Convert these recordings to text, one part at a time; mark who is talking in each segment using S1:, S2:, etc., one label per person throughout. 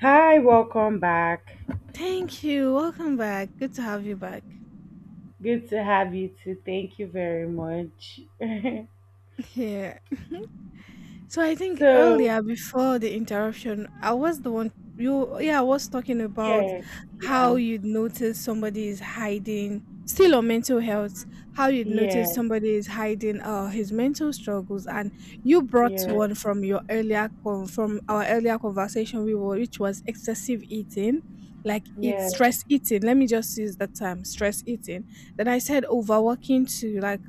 S1: Hi, welcome back.
S2: Thank you. Welcome back. Good to have you back
S1: Good to have you too. Thank you very much.
S2: here. So I think
S1: so,
S2: earlier before the interruption, I was the one you yeah, I was talking about
S1: yeah, yeah,
S2: how you'd notice somebody is hiding still on mental health, how you'd notice
S1: yeah,
S2: somebody is hiding his mental struggles, and you brought
S1: yeah,
S2: one from your from our earlier conversation we were which was excessive eating. Like, it's
S1: yeah,
S2: stress eating. Let me just use that term, stress eating. Then I said overworking too. Like,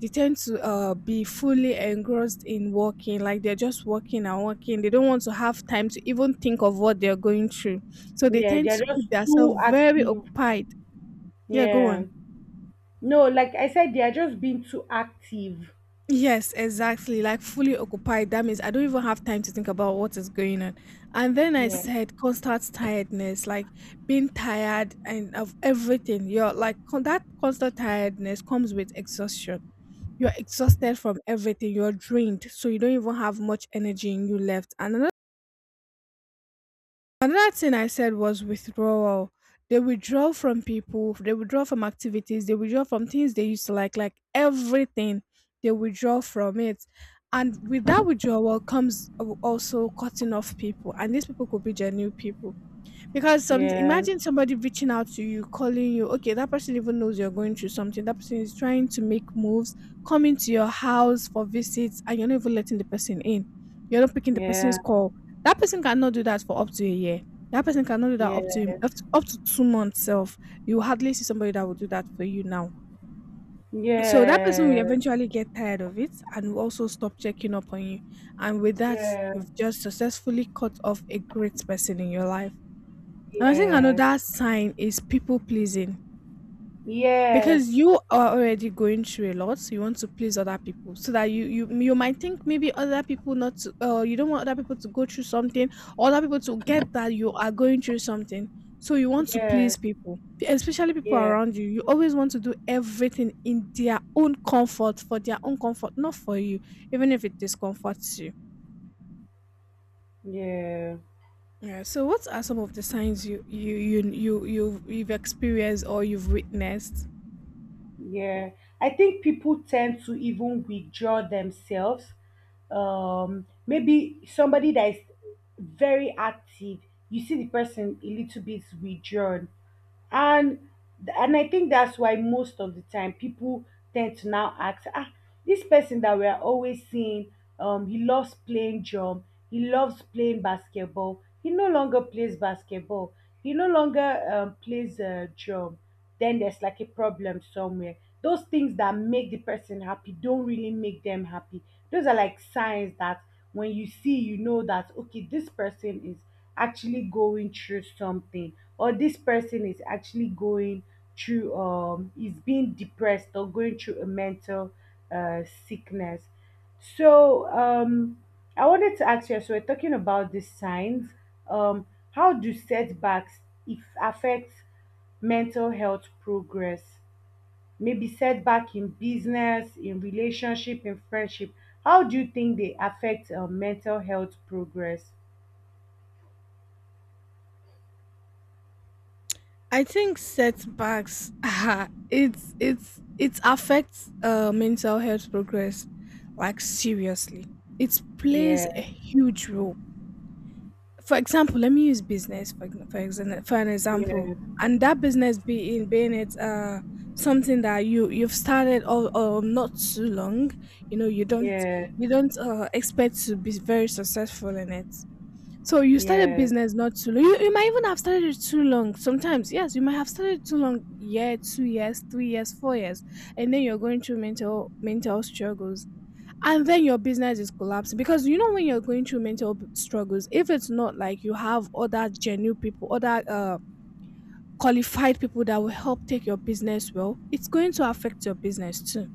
S2: they tend to be fully engrossed in working. Like, they're just working and working. They don't want to have time to even think of what they're going through, so they
S1: yeah. They
S2: tend
S1: are
S2: to
S1: just
S2: keep
S1: too
S2: themselves very
S1: active.
S2: occupied. Yeah, go
S1: Yeah.
S2: on.
S1: No, like I said, they are just being too active.
S2: Yes, exactly, like fully occupied. That means I don't even have time to think about what is going on. And then I
S1: Yeah,
S2: said constant tiredness. Like, being tired and of everything, you're like that constant tiredness comes with exhaustion. You're exhausted from everything. You're drained, so you don't even have much energy in you left. And another, another thing I said was withdrawal. They withdraw from people. They withdraw from activities. They withdraw from things they used to like everything. They withdraw from it, and with that withdrawal comes also cutting off people. And these people could be genuine people, because some,
S1: yeah,
S2: imagine somebody reaching out to you, calling you. Okay, that person even knows you're going through something. That person is trying to make moves, coming to your house for visits, and you're not even letting the person in. You're not picking the
S1: yeah,
S2: person's call. That person cannot do that for up to a year. That person cannot do that
S1: yes,
S2: up to, up to 2 months self. You hardly see somebody that will do that for you now. So that person will
S1: yes,
S2: eventually get tired of it and will also stop checking up on you. And with that,
S1: yes,
S2: you've just successfully cut off a great person in your life. And I think
S1: yes,
S2: another sign is people pleasing,
S1: yes,
S2: because you are already going through a lot, so you want to please other people, so that you might think maybe other people not to, you don't want other people to go through something, or other people to get that you are going through something, so you want to
S1: yes,
S2: please people, especially people
S1: yes,
S2: around you. You always want to do everything in their own comfort, for their own comfort, not for you, even if it discomforts you.
S1: yes.
S2: Yeah. So, what are some of the signs you've experienced or you've witnessed?
S1: Yeah, I think people tend to even withdraw themselves. Maybe somebody that is very active, you see the person a little bit withdrawn and and I think that's why most of the time people tend to now ask, ah, this person that we are always seeing, he loves playing drum, he loves playing basketball, he no longer plays basketball, he no longer plays drum. Then there's like a problem somewhere. Those things that make the person happy don't really make them happy. Those are like signs that when you see, you know that okay, this person is actually going through something or this person is actually going through is being depressed or going through a mental uh sickness. So I wanted to ask you, as we're talking about the signs, um how do setbacks, if affect mental health progress, maybe setback in business, in relationship, in friendship, how do you think they affect mental health progress?
S2: I think setbacks ah, it affects mental health progress, like seriously. It plays a
S1: yeah
S2: huge role. For example, let me use business for for an example,
S1: yeah
S2: and that business being being it something that you, you've started or not too long, you know, you don't,
S1: Yes,
S2: you don't expect to be very successful in it. So you started
S1: yes,
S2: business not too long. You might even have started it too long. Sometimes, yes, you might have started too long, year, 2 years, 3 years, 4 years, and then you're going through mental struggles, and then your business is collapsing, because you know, when you're going through struggles, if it's not like you have other genuine people, other qualified people that will help take your business well, it's going to affect your business too,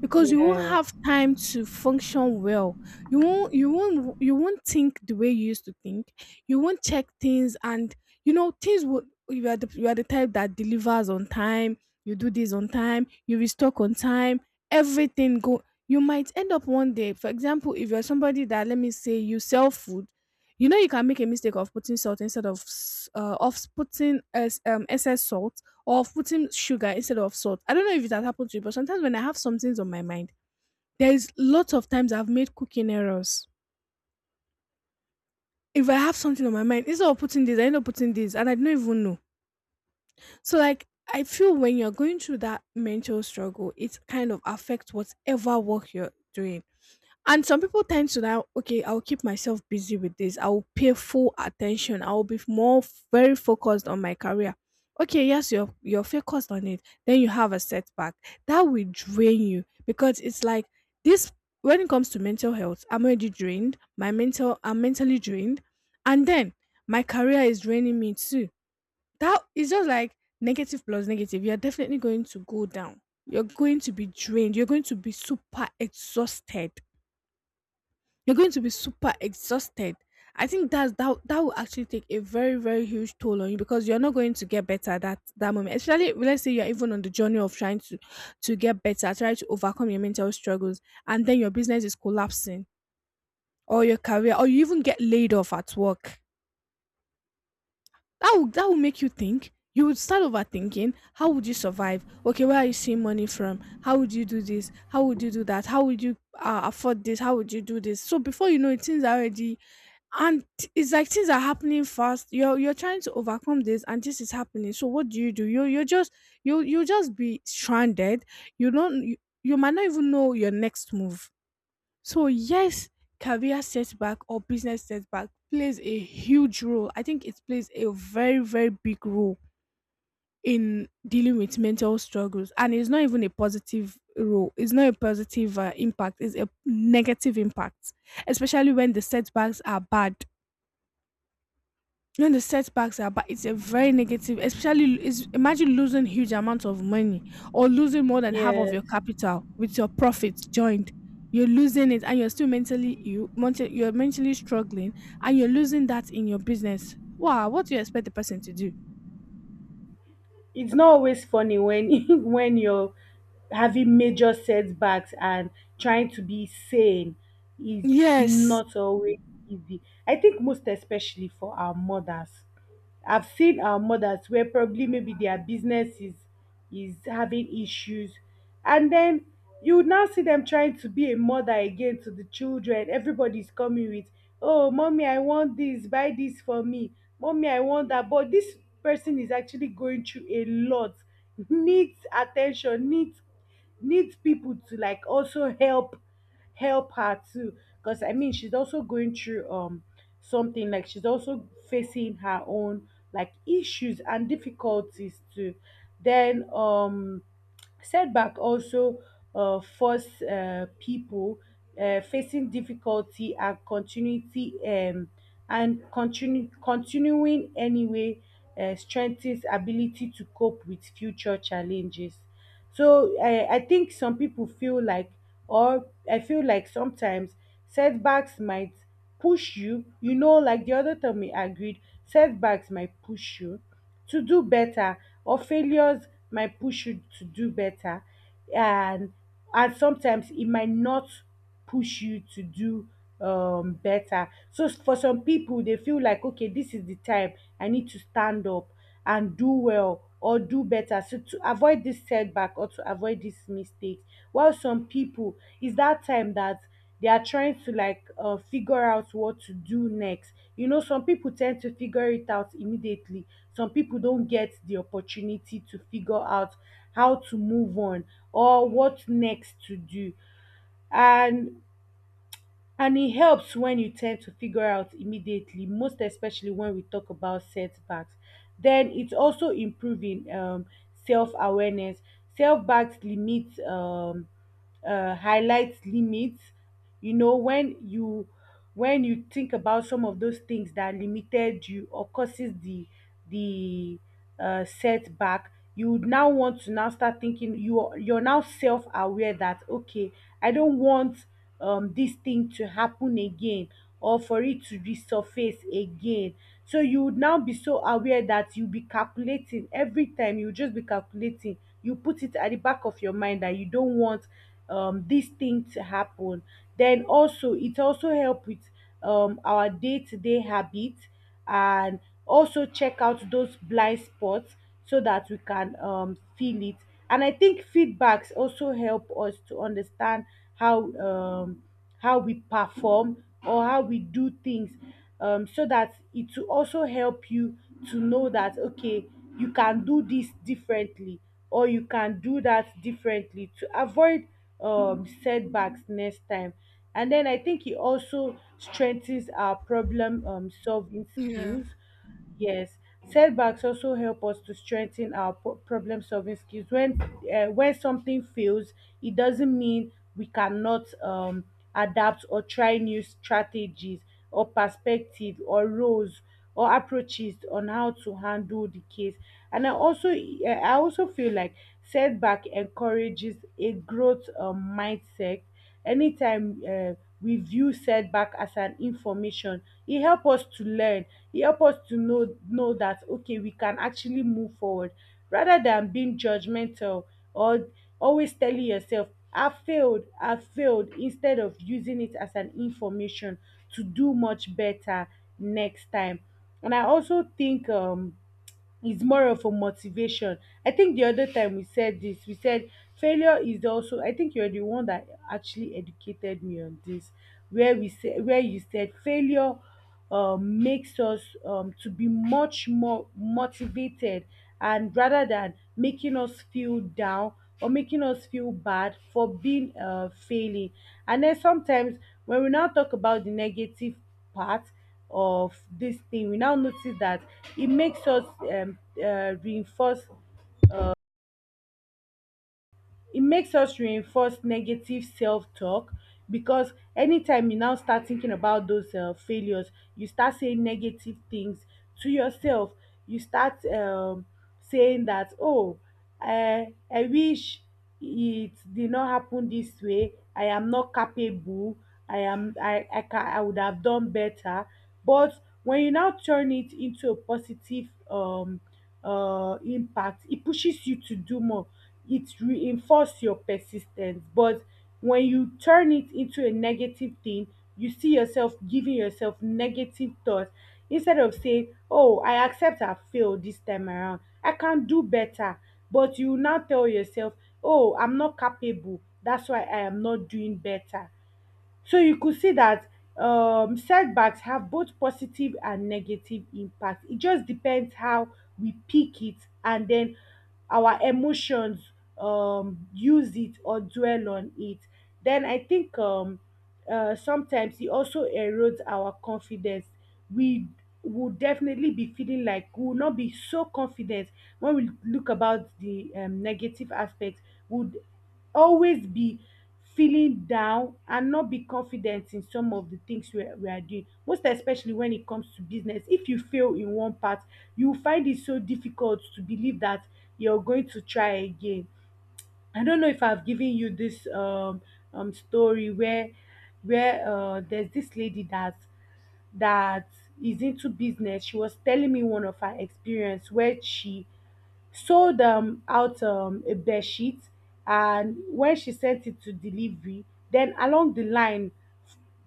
S2: because you won't
S1: yes,
S2: have time to function well. You won't, you won't think the way you used to think. You won't check things, and you know, things would, you are the type that delivers on time. You do this on time, you restock on time, everything go. You might end up one day, for example, if you're somebody that, let me say you sell food, you know, you can make a mistake of putting salt instead of s- of putting as excess salt, or putting sugar instead of salt. I don't know if it has happened to you, but sometimes when I have some things on my mind, there is lots of times I've made cooking errors. If I have something on my mind, instead of putting this, I end up putting this, and I don't even know. So like, I feel when you're going through that mental struggle, it kind of affects whatever work you're doing. And some people tend to now, okay, I'll keep myself busy with this. I'll pay full attention. I'll be more very focused on my career. Okay, yes, you're focused on it. Then you have a setback. That will drain you, because it's like, this, when it comes to mental health, I'm already drained. My mental I'm mentally drained. And then my career is draining me too. That is just like negative plus negative. You're definitely going to go down. You're going to be drained. You're going to be super exhausted. I think that will actually take a very, very huge toll on you, because you're not going to get better that, that moment. Especially let's say you're even on the journey of trying to get better, try to overcome your mental struggles, and then your business is collapsing, or your career, or you even get laid off at work. That will make you think. You would start overthinking. How would you survive? Okay, where are you seeing money from? How would you do this? How would you do that? How would you afford this? How would you do this? So before you know it, things are already, and it's like things are happening fast. You're trying to overcome this and this is happening, so what do you do? You, you just be stranded. You don't you, you might not even know your next move. So yes, career setback or business setback plays a huge role. I think it plays a very, very big role in dealing with mental struggles, and it's not even a positive role. It's not a positive impact. It's a negative impact, especially when the setbacks are bad. No, the setbacks are, but it's a very negative, especially is, imagine losing huge amounts of money, or losing more than half of your
S1: yes.
S2: capital with your profits joined. You're losing it and you're still mentally, you're mentally struggling, and you're losing that in your business. Wow, what do you expect the person to do?
S1: It's not always funny when when you're having major setbacks, and trying to be sane is
S2: Yes.
S1: not always easy. I think most especially for our mothers. I've seen our mothers where probably maybe their business is having issues, and then you would now see them trying to be a mother again to the children. Everybody's coming with, "Oh, mommy, I want this. Buy this for me. Mommy, I want that." But this person is actually going through a lot, needs attention, needs people to like also help her too, because I mean she's also going through something, like she's also facing her own like issues and difficulties too. Then setback also force people facing difficulty, and continuing anyway strengthens ability to cope with future challenges. So I think some people feel like, or I feel like sometimes setbacks might push you, you know, like the other time we agreed, setbacks might push you to do better, or failures might push you to do better. And sometimes it might not push you to do better. So for some people they feel like okay, this is the time I need to stand up and do well or do better, so to avoid this setback or to avoid this mistake, while some people, is that time that they are trying to like figure out what to do next. You know, some people tend to figure it out immediately, some people don't get the opportunity to figure out how to move on or what next to do. And and it helps when you tend to figure out immediately, most especially when we talk about setbacks. Then it's also improving self-awareness. Self-backs limits Highlights limits. You know, when you think about some of those things that limited you or causes the setback, you would now want to now start thinking. You're now self-aware that okay, I don't want this thing to happen again or for it to resurface again. So you would now be so aware that you'll be calculating every time, you'll just be calculating. You put it at the back of your mind that you don't want this thing to happen. Then also, it also help with our day-to-day habits, and also check out those blind spots so that we can feel it. And I think feedbacks also help us to understand how um, how we perform or how we do things, so that it will also help you to know that okay, you can do this differently or you can do that differently to avoid setbacks next time. And then I think it also strengthens our problem solving
S2: Yeah.
S1: skills. Yes, setbacks also help us to strengthen our problem solving skills. When something fails, it doesn't mean we cannot adapt or try new strategies or perspective or roles or approaches on how to handle the case. And I also feel like setback encourages a growth mindset. Anytime we view setback as an information, e help us to learn, e help us to know that okay, we can actually move forward, rather than being judgmental or always telling yourself I failed, I failed, instead of using it as an information to do much better next time. And I also think it's more of a motivation. I think the other time we said this, we said failure is also. I think you're the one that actually educated me on this, where we say where you said failure makes us to be much more motivated, and rather than making us feel down or making us feel bad for being failing. And then sometimes when we now talk about the negative part of this thing, we now notice that it makes us um, reinforce it makes us reinforce negative self-talk. Because anytime you now start thinking about those failures, you start saying negative things to yourself. You start saying that, oh, I wish it did not happen this way. I am not capable. I am I, ca- I would have done better. But when you now turn it into a positive impact, it pushes you to do more. It reinforces your persistence. But when you turn it into a negative thing, you see yourself giving yourself negative thoughts, instead of saying, "Oh, I accept I failed this time around. I can do better." But you now tell yourself, "Oh, I'm not capable. That's why I am not doing better." So you could see that setbacks have both positive and negative impact. It just depends how we pick it, and then our emotions use it or dwell on it. Then I think sometimes it also erodes our confidence. We will definitely be feeling like we will not be so confident when we look about the negative aspects. Would always be feeling down and not be confident in some of the things we are doing, most especially when it comes to business. If you fail in one part, you find it so difficult to believe that you're going to try again. I don't know if I've given you this story where there's this lady that is into business. She was telling me one of her experience, where she sold out a bed sheet, and when she sent it to delivery, then along the line,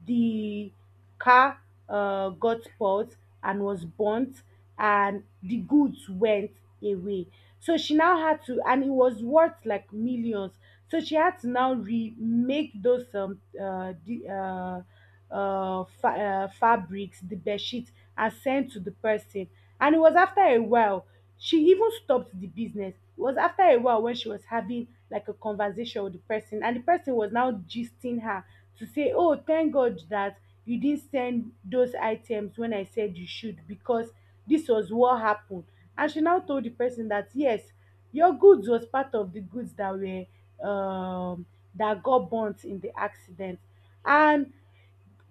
S1: the car got spoilt and was burnt, and the goods went away. So she now had to, and it was worth like millions, so she had to now remake those fabrics, the bed sheets, and sent to the person. And it was after a while she even stopped the business. It was after a while, when she was having like a conversation with the person, and the person was now gisting her, to say, "Oh, thank God that you didn't send those items when I said you should, because this was what happened." And she now told the person that yes, your goods was part of the goods that were um that got burnt in the accident. And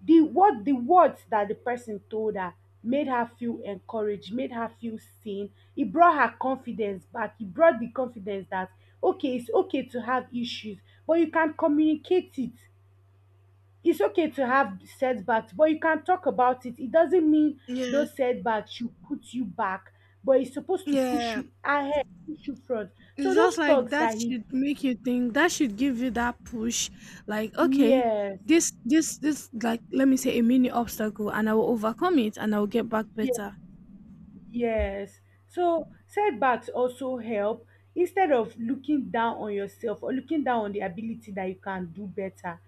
S1: the what the words that the person told her made her feel encouraged, made her feel seen. It brought her confidence back. It brought the confidence that okay, it's okay to have issues, but you can communicate it. It's okay to have setbacks, but you can talk about it. It doesn't mean
S2: Yes.
S1: those setbacks should put you back, but it's supposed to push
S2: Yeah.
S1: you ahead, push you front. So
S2: It's
S1: those
S2: just like
S1: talks
S2: that
S1: that he,
S2: should make you think. That should give you that push. Like, okay,
S1: yes.
S2: this, like, let me say a mini obstacle, and I will overcome it, and I will get back better.
S1: Yes. So setbacks also help. Instead of looking down on yourself or looking down on the ability that you can do better,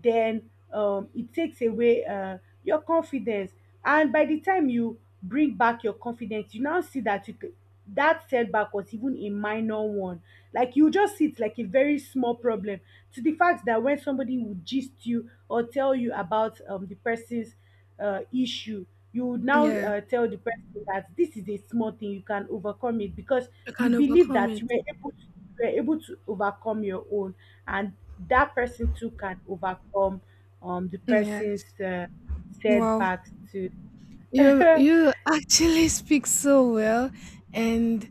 S1: then it takes away your confidence. And by the time you bring back your confidence, you now see that that setback was even a minor one. Like you just see it like a very small problem. To the fact that when somebody would gist you or tell you about the person's issue, you would now
S2: Yeah.
S1: tell the person that this is a small thing, you can overcome it, because
S2: I
S1: you
S2: can
S1: believe
S2: overcome
S1: that
S2: it.
S1: you were able to overcome your own, and that person too can overcome the person's
S2: Yes. Wow.
S1: setbacks too.
S2: You
S1: Yeah,
S2: you actually speak so well, and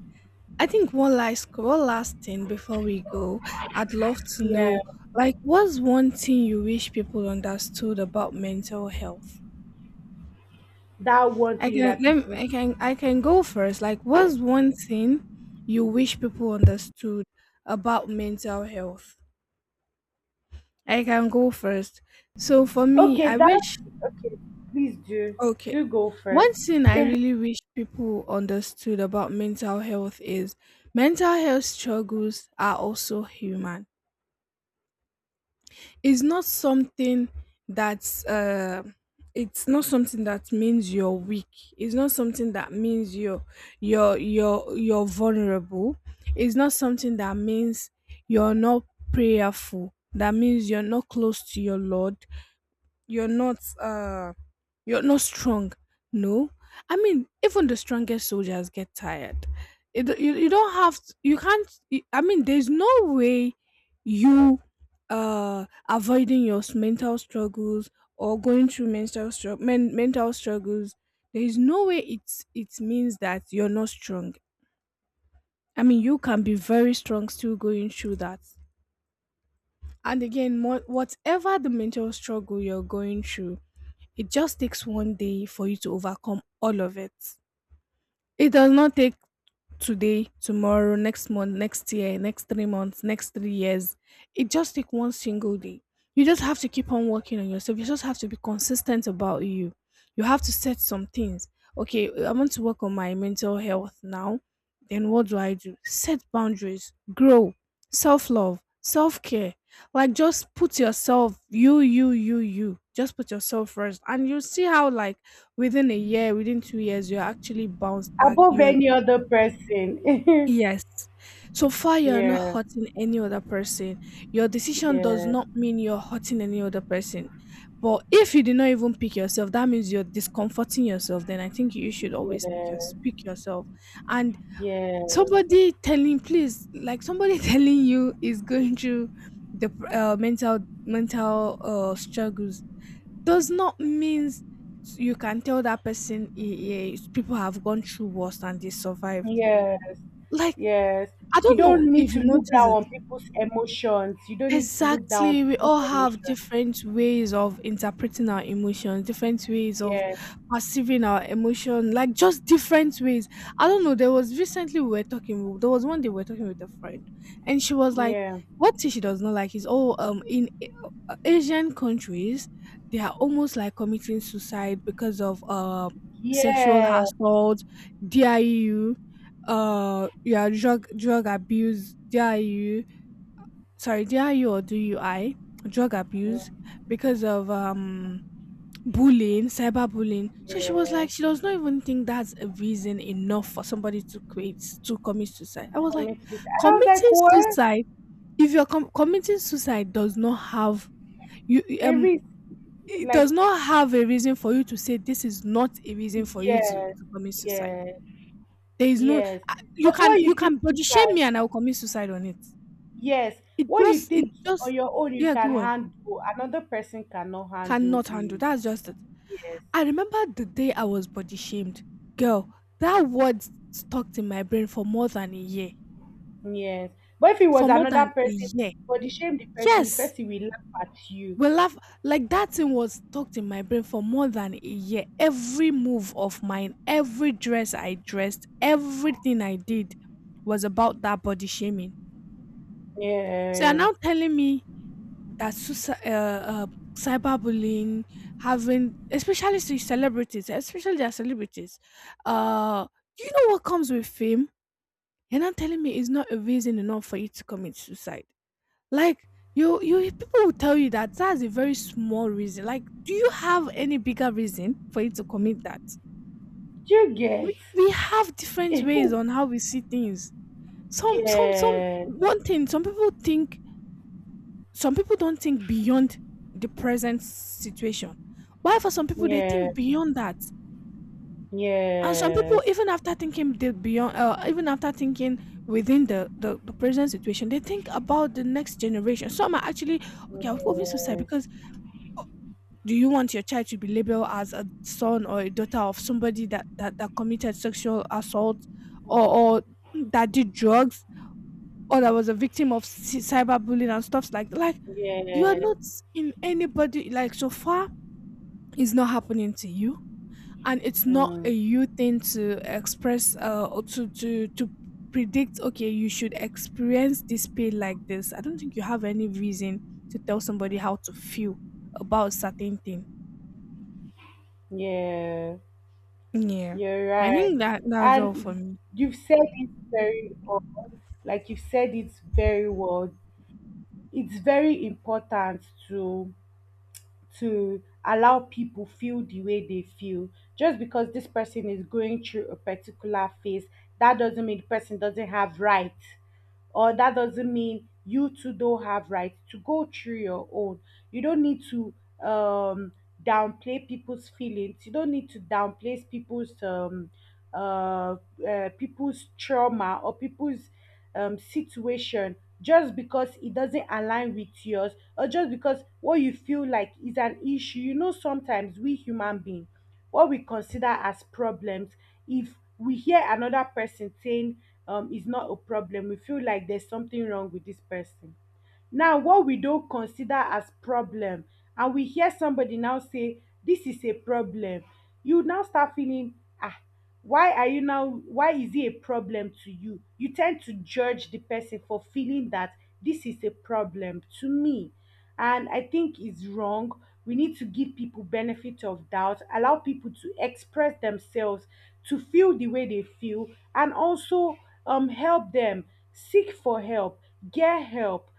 S2: I think one last, one last thing before we go, I'd love to know, like, what's one thing you wish people understood about mental health?
S1: that one
S2: I
S1: thing
S2: can
S1: that
S2: let
S1: people.
S2: I can go first. Like, what's one thing you wish people understood about mental health? I can go first. So for me,
S1: Okay,
S2: I
S1: that's
S2: wish,
S1: okay. Please
S2: okay.
S1: do go
S2: One
S1: first.
S2: thing I really wish people understood about mental health is, mental health struggles are also human. It's not something that's it's not something that means you're weak. It's not something that means you're you're vulnerable. It's not something that means you're not prayerful, that means you're not close to your lord. You're not you're not strong. No, I mean, even the strongest soldiers get tired. You, you don't have you can't I mean, there's no way you avoiding your mental struggles, or going through mental struggles, there is no way it's, it means that you're not strong. I mean, you can be very strong still going through that. And again, whatever the mental struggle you're going through, it just takes one day for you to overcome all of it. It does not take today, tomorrow, next month, next year, next 3 months, next 3 years. It just take one single day. You just have to keep on working on yourself. You just have to be consistent about you. You have to set some things. Okay, I want to work on my mental health now. Then what do I do? Set boundaries, grow, self love, self care. Like, just put yourself, you. Just put yourself first, and you'll see how, like, within a year, within 2 years, you're actually bounced back.
S1: Above
S2: You're,
S1: any other person.
S2: yes. So far, you are not
S1: Yeah,
S2: hurting any other person. Your decision does
S1: yeah,
S2: not mean you're hurting any other person. But if you did not even pick yourself, that means you're discomforting yourself. Then I think you should always pick your
S1: yeah.
S2: pick yourself. And
S1: Yes,
S2: somebody telling, please, like somebody telling you is going through the mental struggles does not means you can tell that person people have gone through worse and they survived,
S1: yes,
S2: like
S1: yes.
S2: I
S1: You
S2: don't know
S1: don't need
S2: if
S1: to
S2: you
S1: look
S2: notice
S1: down
S2: it.
S1: on people's emotions. You don't need to look down on
S2: Exactly. We
S1: people's
S2: all have
S1: emotions.
S2: different ways of interpreting our emotions, different ways of
S1: Yes,
S2: perceiving our emotion, like just different ways. I don't know. There was recently we were talking, there was one day we were talking with a friend, and she was like,
S1: yeah,
S2: one thing she does not like is, in Asian countries, they are almost like committing suicide because of sexual
S1: yeah,
S2: assault, DIU, yeah, drug abuse, DIU, sorry, DIU or DUI, drug abuse,
S1: mm,
S2: because of bullying, cyberbullying. So she was
S1: yeah.
S2: like, she does not even think that's a reason enough for somebody to create to commit suicide. I was like,
S1: Commit suicide. And I was like,
S2: committing
S1: what?
S2: suicide. If you're committing suicide, does not have you.
S1: Every
S2: It does
S1: like,
S2: not have a reason for you to say this is not a reason for you
S1: yes,
S2: to commit suicide.
S1: yes,
S2: There is no,
S1: yes.
S2: I- you
S1: Because
S2: can,
S1: what
S2: you
S1: you think
S2: can
S1: you
S2: body shame me and I
S1: can,
S2: will commit suicide on it.
S1: yes,
S2: It
S1: what you
S2: just it
S1: think on
S2: just
S1: your own you
S2: yeah,
S1: can
S2: go on.
S1: handle, another person cannot handle
S2: Cannot handle.
S1: it.
S2: That's just it.
S1: Yes.
S2: I remember the day I was body shamed. Girl, that word stuck in my brain for more than a year.
S1: Yes. But if it was
S2: For more
S1: another
S2: than a
S1: person,
S2: year.
S1: for the shame the
S2: Yes.
S1: person will laugh at you.
S2: We laugh, like that thing was stuck in my brain for more than a year. Every move of mine, every dress I dressed, everything I did was about that body shaming. So you're
S1: Yeah.
S2: now telling me that suicide, cyberbullying, having, especially to celebrities, especially their celebrities. Uh, you know what comes with fame? You're not telling me it's not a reason enough for you to commit suicide. Like you people will tell you that that's a very small reason. Like, do you have any bigger reason for you to commit that?
S1: Do you get?
S2: We have different ways on how we see things. Some, some.
S1: Yes.
S2: One thing, some people think, some people don't think beyond the present situation, while for some people they
S1: Yes.
S2: think beyond that, and some people
S1: Yes.
S2: even after thinking the beyond, even after thinking within the present situation, they think about the next generation. Some are actually, okay, I'm going suicide
S1: Yes.
S2: because, uh, do you want your child to be labeled as a son or a daughter of somebody that committed sexual assault, or that did drugs, or that was a victim of cyberbullying and stuff, like you are
S1: Yes.
S2: not in anybody, like, so far it's not happening to you, and it's not a
S1: Mm.
S2: you thing to express, or to predict, okay, you should experience this pain like this. I don't think you have any reason to tell somebody how to feel about certain thing.
S1: Yeah.
S2: Yeah,
S1: You're
S2: I
S1: right.
S2: think that that's all for
S1: And
S2: me.
S1: you've said it very well. Like you've said it very well. It's very important to allow people feel the way they feel. Just because this person is going through a particular phase, that doesn't mean the person doesn't have right, or that doesn't mean you too don't have right to go through your own. You don't need to um downplay people's feelings. You don't need to downplay people's uh, people's trauma or people's situation, just because it doesn't align with yours, or just because what you feel like is an issue. You know, sometimes we human beings, what we consider as problems, if we hear another person saying is not a problem, we feel like there's something wrong with this person. Now what we don't consider as problem, and we hear somebody now say this is a problem, you now start feeling, ah, why are you now why is it a problem to you? You tend to judge the person for feeling that this is a problem to me. And I think it's wrong. We need to give people benefit of doubt, allow people to express themselves, to feel the way they feel, and also help them seek for help, get help,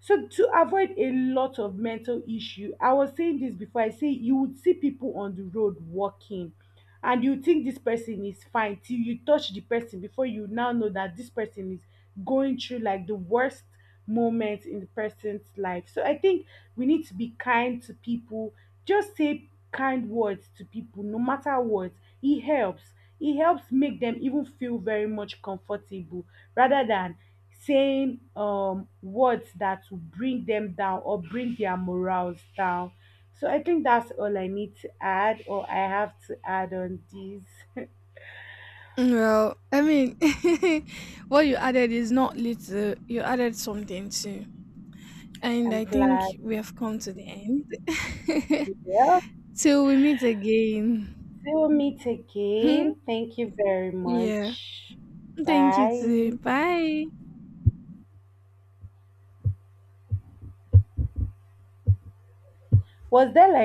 S1: so to avoid a lot of mental issue. I was saying this before. I say you would see people on the road walking, and you think this person is fine, till you touch the person, before you now know that this person is going through like the worst moment in the person's life. So I think we need to be kind to people. Just say kind words to people, no matter what. It helps. It helps make them even feel very much comfortable, rather than saying words that will bring them down or bring their morals down. So I think that's all I need to add or I have to add on this.
S2: Well, I mean, what you added is not little, you added something too, and
S1: I'm
S2: I
S1: glad
S2: think we have come to the end.
S1: we helped
S2: Till we meet again.
S1: to meet again. Thank you very
S2: Yeah.
S1: much.
S2: Thank you too.
S1: Bye.
S2: Bye.
S1: Was there like